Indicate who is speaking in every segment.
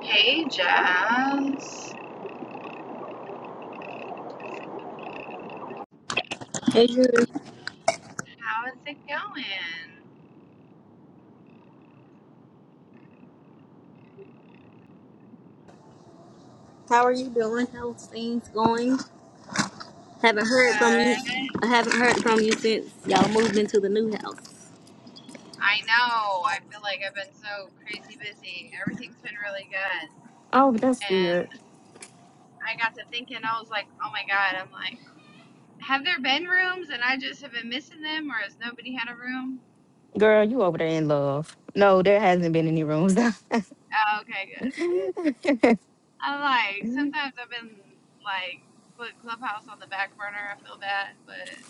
Speaker 1: Hey Jess,
Speaker 2: Hey Drew,
Speaker 1: how is it going?
Speaker 2: how are you doing? How's things going? Haven't heard from you.
Speaker 1: Good.
Speaker 2: I haven't heard from you since y'all moved into the new house.
Speaker 1: I know. I feel like I've been so crazy busy. Everything's been really good.
Speaker 2: Oh, that's good.
Speaker 1: And I got to thinking, I was like, oh my God, I'm like, have there been rooms and I just have been missing them or has nobody had a room?
Speaker 2: Girl, you over there in love. No, there hasn't been any rooms.
Speaker 1: Oh, okay, good. I'm like, sometimes I've been like, put Clubhouse on the back burner. I feel bad, but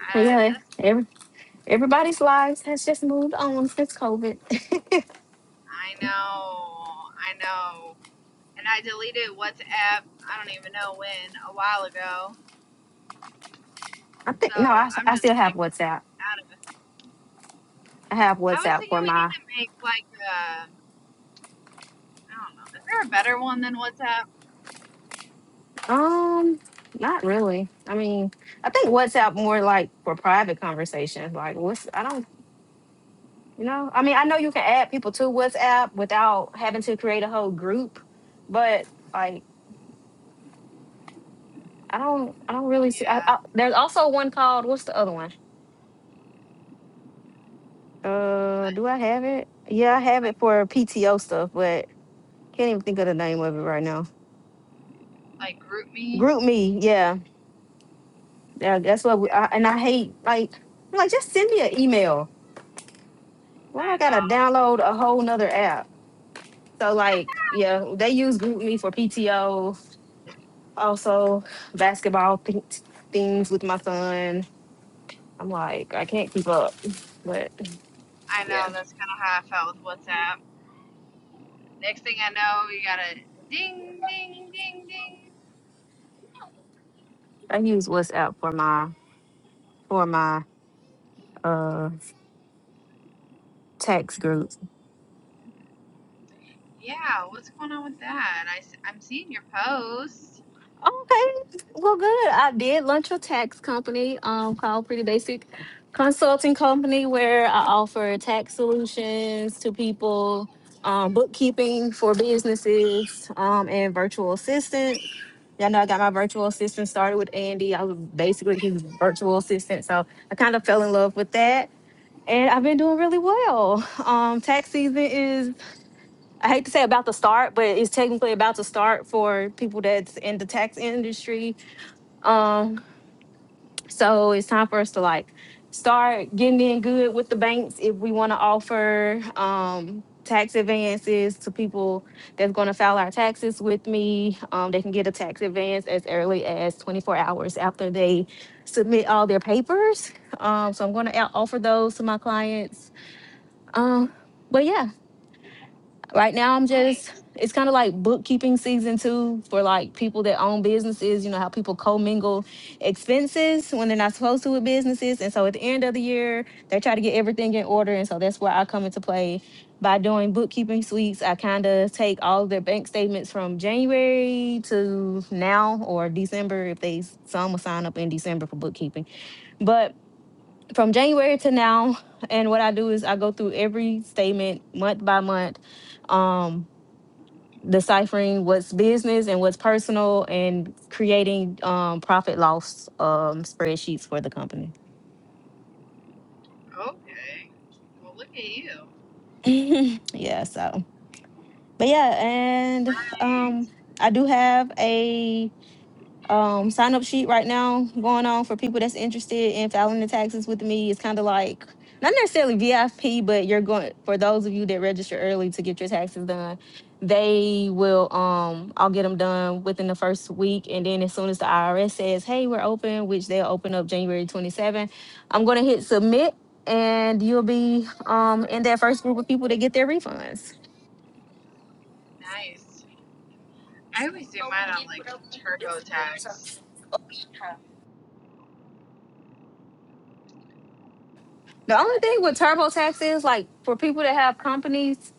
Speaker 1: uh,
Speaker 2: yeah,
Speaker 1: that's,
Speaker 2: every, everybody's lives has just moved on since COVID.
Speaker 1: I know. I know. and I deleted WhatsApp. I don't even know when, a while ago.
Speaker 2: I
Speaker 1: So
Speaker 2: think no, I,
Speaker 1: I'm
Speaker 2: I still
Speaker 1: just
Speaker 2: have
Speaker 1: like
Speaker 2: WhatsApp.
Speaker 1: out of it.
Speaker 2: I have
Speaker 1: I was
Speaker 2: WhatsApp
Speaker 1: thinking
Speaker 2: for
Speaker 1: we need
Speaker 2: my
Speaker 1: to make like a. I don't know. Is there a better one than WhatsApp?
Speaker 2: um, not really. I mean, I think WhatsApp more like for private conversations. Like, what's I don't You know, I mean, I know you can add people to WhatsApp without having to create a whole group, but like, I don't, I don't really see. I,
Speaker 1: Yeah,
Speaker 2: I, there's also one called what's the other one? Uh,
Speaker 1: like
Speaker 2: do I have it? Yeah, I have it
Speaker 1: like,
Speaker 2: for PTO stuff, but can't even think of the name of it right now.
Speaker 1: like group
Speaker 2: Group me, yeah, yeah. That's what. We,
Speaker 1: Yeah,
Speaker 2: I, and I hate like, I'm like just send me an email. Why I
Speaker 1: I
Speaker 2: gotta
Speaker 1: know.
Speaker 2: download a whole nother app? So like, yeah, they use Group Me for PTO Also, basketball th- things with my son. I'm like, I can't keep up. But
Speaker 1: I
Speaker 2: yeah,
Speaker 1: know. That's kind of how I felt with WhatsApp. Next thing I know, you got a ding, ding, ding, ding.
Speaker 2: I use WhatsApp for my for my uh tax group.
Speaker 1: Yeah, what's going on with that? I, s- I'm seeing your post.
Speaker 2: Okay, well, good. I did launch a tax company um called Pretty Basic Consulting Company where I offer tax solutions to people, um, bookkeeping for businesses, um, and virtual assistance. Y'all know I got my virtual assistant started with Andy. I was basically his virtual assistant. So I kind of fell in love with that. And I've been doing really well. Um, tax season is, I hate to say about to start, but it's technically about to start for people that's in the tax industry. Um, so it's time for us to like start getting in good with the banks if we want to offer um, tax advances to people that's going to file our taxes with me. Um, they can get a tax advance as early as 24 hours after they submit all their papers. Um, so I'm going to offer those to my clients. Um, but yeah, right now i'm just
Speaker 1: Nice.
Speaker 2: it's kind of like bookkeeping season two for like people that own businesses you know how people commingle expenses when they're not supposed to with businesses and so at the end of the year they try to get everything in order and so that's where i come into play by doing bookkeeping suites i kind of take all their bank statements from january to now or december if they some will sign up in december for bookkeeping but from january to now and what i do is i go through every statement month by month um deciphering what's business and what's personal and creating um profit loss um spreadsheets for the company.
Speaker 1: Okay. Well, look at you.
Speaker 2: yeah, so but yeah, and
Speaker 1: Nice.
Speaker 2: um I do have a um sign up sheet right now going on for people that's interested in filing the taxes with me. It's kind of like not necessarily VIP, but you're going for those of you that register early to get your taxes done. They will um I'll get them done within the first week and then as soon as the IRS says, "Hey, we're open," which they'll open up January 27, I'm going to hit submit and you'll be um in that first group of people that get their refunds.
Speaker 1: Nice. I always do mine on like TurboTax.
Speaker 2: The only thing with TurboTax is like for people that have companies,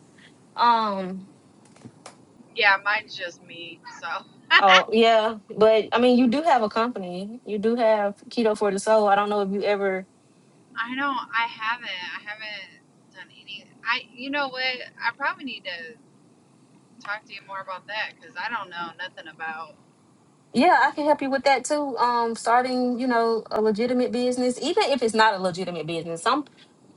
Speaker 2: um
Speaker 1: Yeah, mine's just me. So
Speaker 2: oh yeah, but I mean you do have a company. You do have Keto for the Soul. I don't know if you ever
Speaker 1: I know I haven't. I haven't done any. I you know what? I probably need to talk to you more about that because I don't know nothing about.
Speaker 2: yeah, I can help you with that too. Um starting, you know, a legitimate business, even if it's not a legitimate business. Some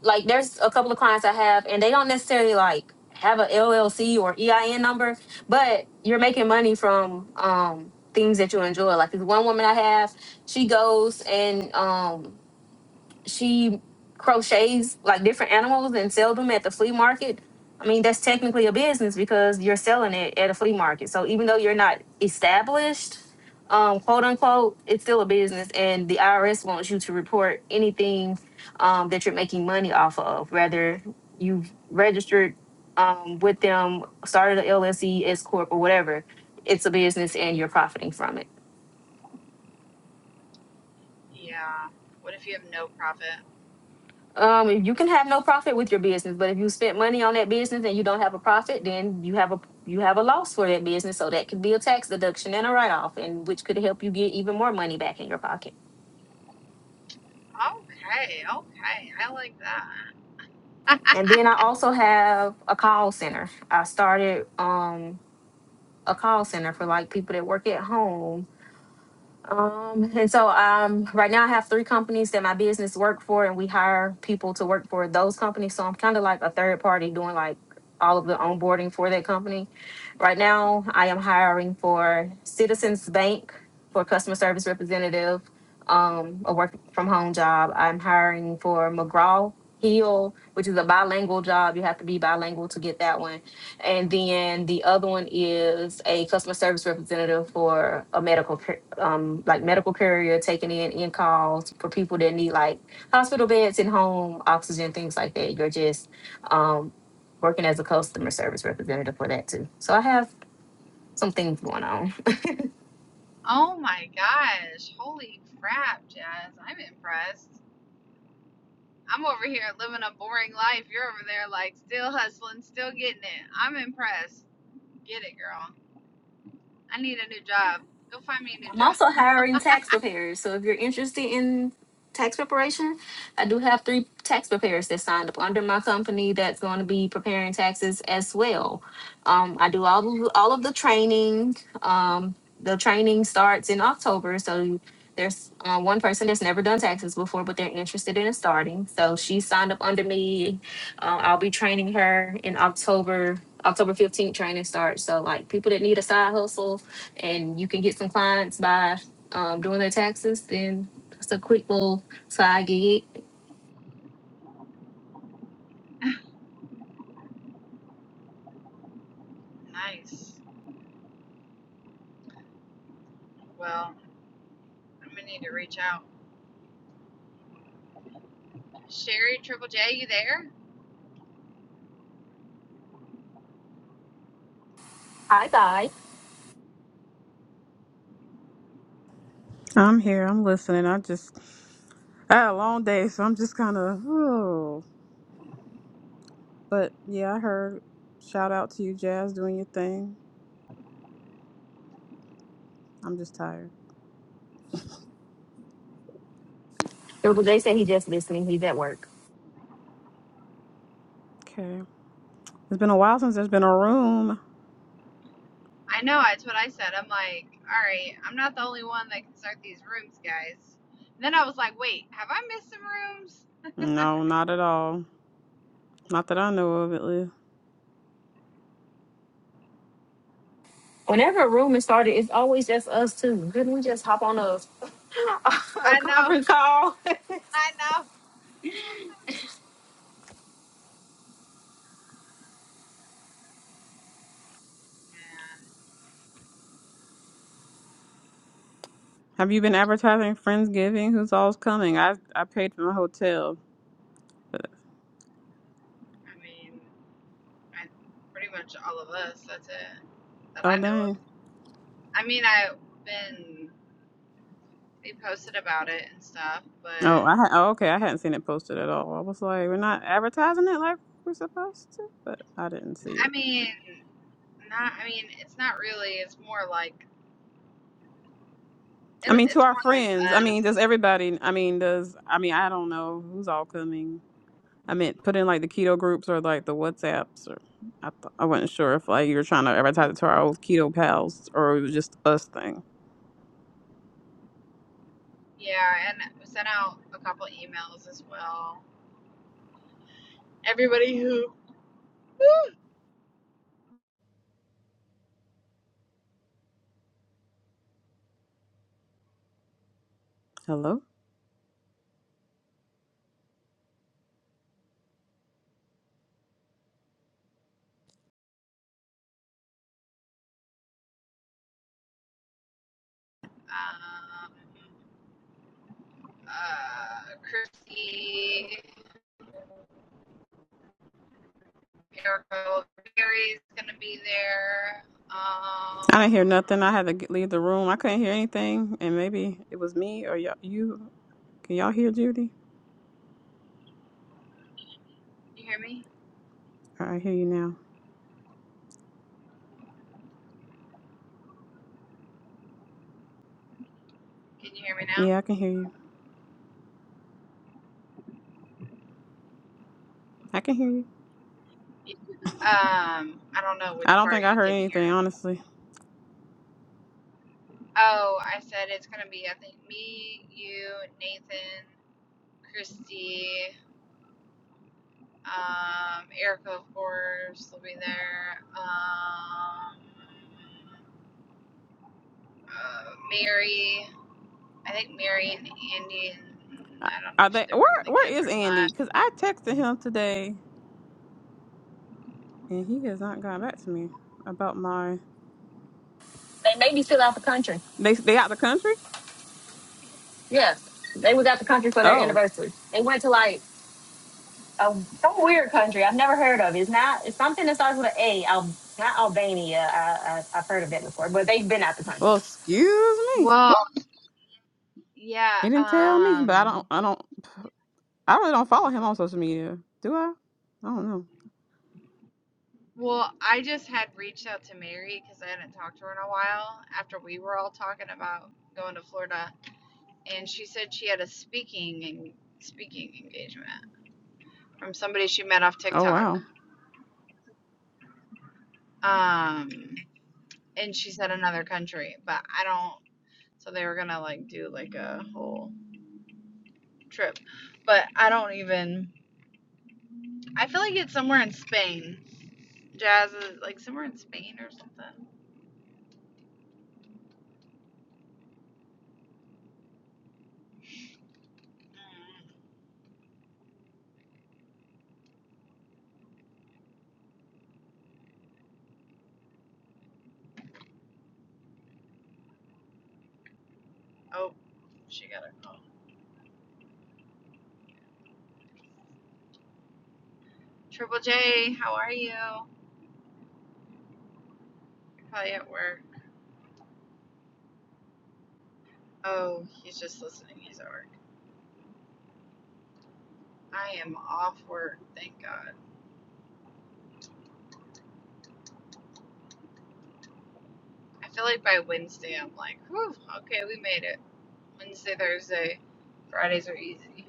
Speaker 2: like there's a couple of clients I have and they don't necessarily like have a LLC or EIN number, but you're making money from um things that you enjoy. Like this one woman I have, she goes and um she crochets like different animals and sell them at the flea market. I mean, that's technically a business because you're selling it at a flea market. So even though you're not established, um, quote unquote, it's still a business, and the IRS wants you to report anything um, that you're making money off of, whether you've registered um, with them, started an LLC, S corp, or whatever. It's a business, and you're profiting from it.
Speaker 1: Yeah. What if you have no profit?
Speaker 2: Um, you can have no profit with your business, but if you spent money on that business and you don't have a profit, then you have a you have a loss for that business. So that could be a tax deduction and a write off, and which could help you get even more money back in your pocket.
Speaker 1: Okay, okay, I like that.
Speaker 2: And then I also have a call center. I started um a call center for like people that work at home Um, and so um right now I have three companies that my business work for and we hire people to work for those companies. So I'm kind of like a third party doing like all of the onboarding for that company. Right now I am hiring for Citizens Bank for customer service representative, um, a work from home job. I'm hiring for McGraw Hill, which is a bilingual job. You have to be bilingual to get that one. And then the other one is a customer service representative for a medical pr- um like medical courier taking in in calls for people that need like hospital beds and home oxygen things like that you're just um working as a customer service representative for that too so i have some things going on
Speaker 1: Oh my gosh, holy crap, Jazz! I'm impressed. I'm over here living a boring life. You're over there like still hustling, still getting it. I'm impressed. Get it, girl. I need a new job. Go find me a new
Speaker 2: I'm
Speaker 1: job.
Speaker 2: also hiring tax preparers. So if you're interested in tax preparation, I do have three tax preparers that signed up under my company that's going to be preparing taxes as well. Um, I do all of, all of the training. Um, the training starts in October, so there's uh, one person that's never done taxes before, but they're interested in starting. So she signed up under me. Uh, I'll be training her in October. October 15th training starts. So like people that need a side hustle, and you can get some clients by um, doing their taxes, then that's a quick little side gig.
Speaker 1: Nice. Well, I'm gonna need to reach out. Sherry Triple J, you there?
Speaker 2: Hi, guy.
Speaker 3: I'm here. I'm listening. I just I had a long day, so I'm just kind of. Oh. But yeah, I heard. Shout out to you, Jazz, doing your thing. I'm just tired.
Speaker 2: Triple J said he just listening. He's at work.
Speaker 3: Okay. It's been a while since there's been a room.
Speaker 1: I know, that's what I said. I'm like, all right, I'm not the only one that can start these rooms, guys. And then I was like, wait, have I missed some rooms?
Speaker 3: No, not at all. Not that I know of, at least.
Speaker 2: Whenever a room is started, it's always just us two. Couldn't we just hop on a, a
Speaker 1: I know,
Speaker 2: conference call?
Speaker 1: I know. Man,
Speaker 3: Have you been advertising Friendsgiving? Who's all's coming? I I paid for my hotel. But,
Speaker 1: I mean, I, pretty much all of us, that's it, that I
Speaker 3: oh
Speaker 1: know of.
Speaker 3: dang.
Speaker 1: I mean, I've been, they posted about it and stuff,
Speaker 3: Oh,
Speaker 1: but
Speaker 3: I ha- oh, okay. I hadn't seen it posted at all. I was like, we're not advertising it like we're supposed to, but I didn't see it.
Speaker 1: I mean, Not, I mean, it's not really. It's more like
Speaker 3: I
Speaker 1: it,
Speaker 3: mean, to
Speaker 1: it's
Speaker 3: our
Speaker 1: more like
Speaker 3: friends. I mean, does
Speaker 1: us.
Speaker 3: everybody? I mean, does I mean I don't know who's all coming. I meant put in like the keto groups or like the WhatsApps or I th- I wasn't sure if like you were trying to advertise it to our old keto pals or it was just us thing.
Speaker 1: Yeah, and we sent out a couple emails as well. Everybody who,
Speaker 3: Hello,
Speaker 1: um, uh, Christy, Arrow, Gary's gonna be there.
Speaker 3: I didn't hear nothing. I
Speaker 1: Um,
Speaker 3: had to g- leave the room. I couldn't hear anything, and maybe it was me or y'all. You can y'all hear Judy?
Speaker 1: you hear me?
Speaker 3: All right, I hear you now.
Speaker 1: Can you hear me now?
Speaker 3: Yeah, I can hear you. I can hear you.
Speaker 1: Um, I don't know which
Speaker 3: I don't
Speaker 1: part
Speaker 3: think I
Speaker 1: you
Speaker 3: heard
Speaker 1: didn't
Speaker 3: anything
Speaker 1: hear.
Speaker 3: honestly.
Speaker 1: Oh, I said it's gonna be I think me, you, Nathan, Christy. Um, Erica, of course, will be there. Um, uh, Mary, I think Mary and Andy. And
Speaker 3: I-
Speaker 1: I don't know
Speaker 3: Are
Speaker 1: if
Speaker 3: they
Speaker 1: they're
Speaker 3: where?
Speaker 1: bringing the
Speaker 3: Where
Speaker 1: kids or
Speaker 3: is Andy?
Speaker 1: not.
Speaker 3: Because I texted him today and he has not gotten back to me about my.
Speaker 2: they made me fill out the country.
Speaker 3: They they out the country?
Speaker 2: Yes, they was out the country for their
Speaker 3: Oh,
Speaker 2: anniversary. They went to like a, some weird country I've never heard of. It's not. It's something that starts with an A. Al, not Albania. I, I, I've heard of that before, but they've been out the country.
Speaker 3: well, excuse me.
Speaker 1: Well, yeah.
Speaker 3: He didn't tell me, but I
Speaker 1: Um,
Speaker 3: don't, I don't, I really don't follow him on social media. Do I? I don't know.
Speaker 1: well, I just had reached out to Mary because I hadn't talked to her in a while after we were all talking about going to Florida, and she said she had a speaking and speaking engagement from somebody she met off
Speaker 3: Oh
Speaker 1: TikTok.
Speaker 3: wow.
Speaker 1: Um, and she said another country, but I don't. So they were gonna like do like a whole trip, but I don't even. I feel like it's somewhere in Spain. Jazz is like somewhere in Spain or something. Mm. Oh, she got a call. Triple J, how are you? You're probably at work. Oh, he's just listening. He's at work. I am off work. Thank God. I feel like by Wednesday I'm like, whew, okay, we made it. Wednesday, Thursday, Fridays are easy.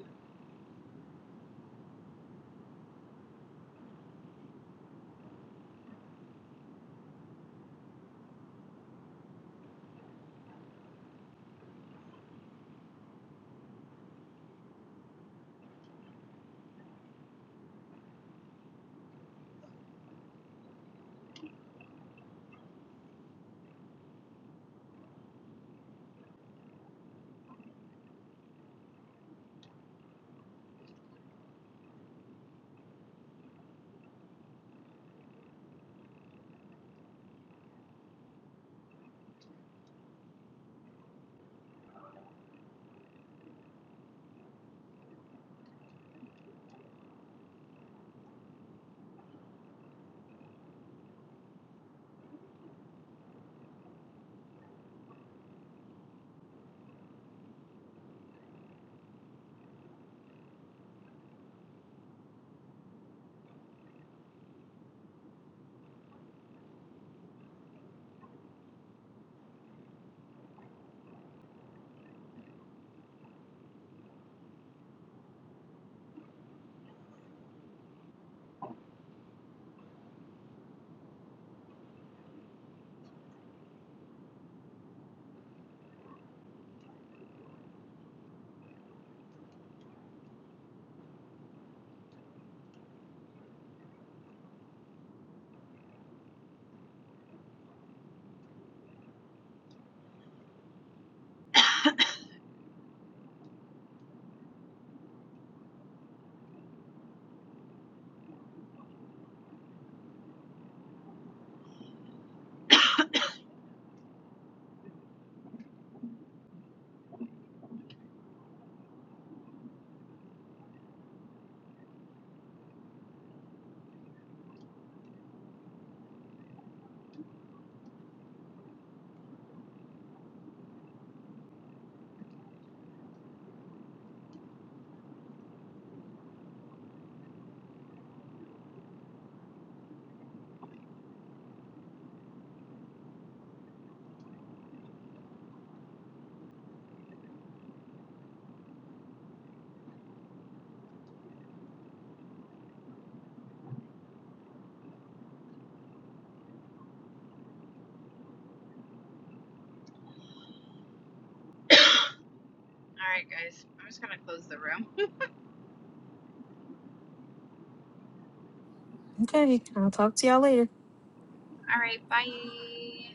Speaker 1: All right, guys, I'm just gonna close the room.
Speaker 2: Okay, I'll talk to y'all later.
Speaker 1: All right. Bye.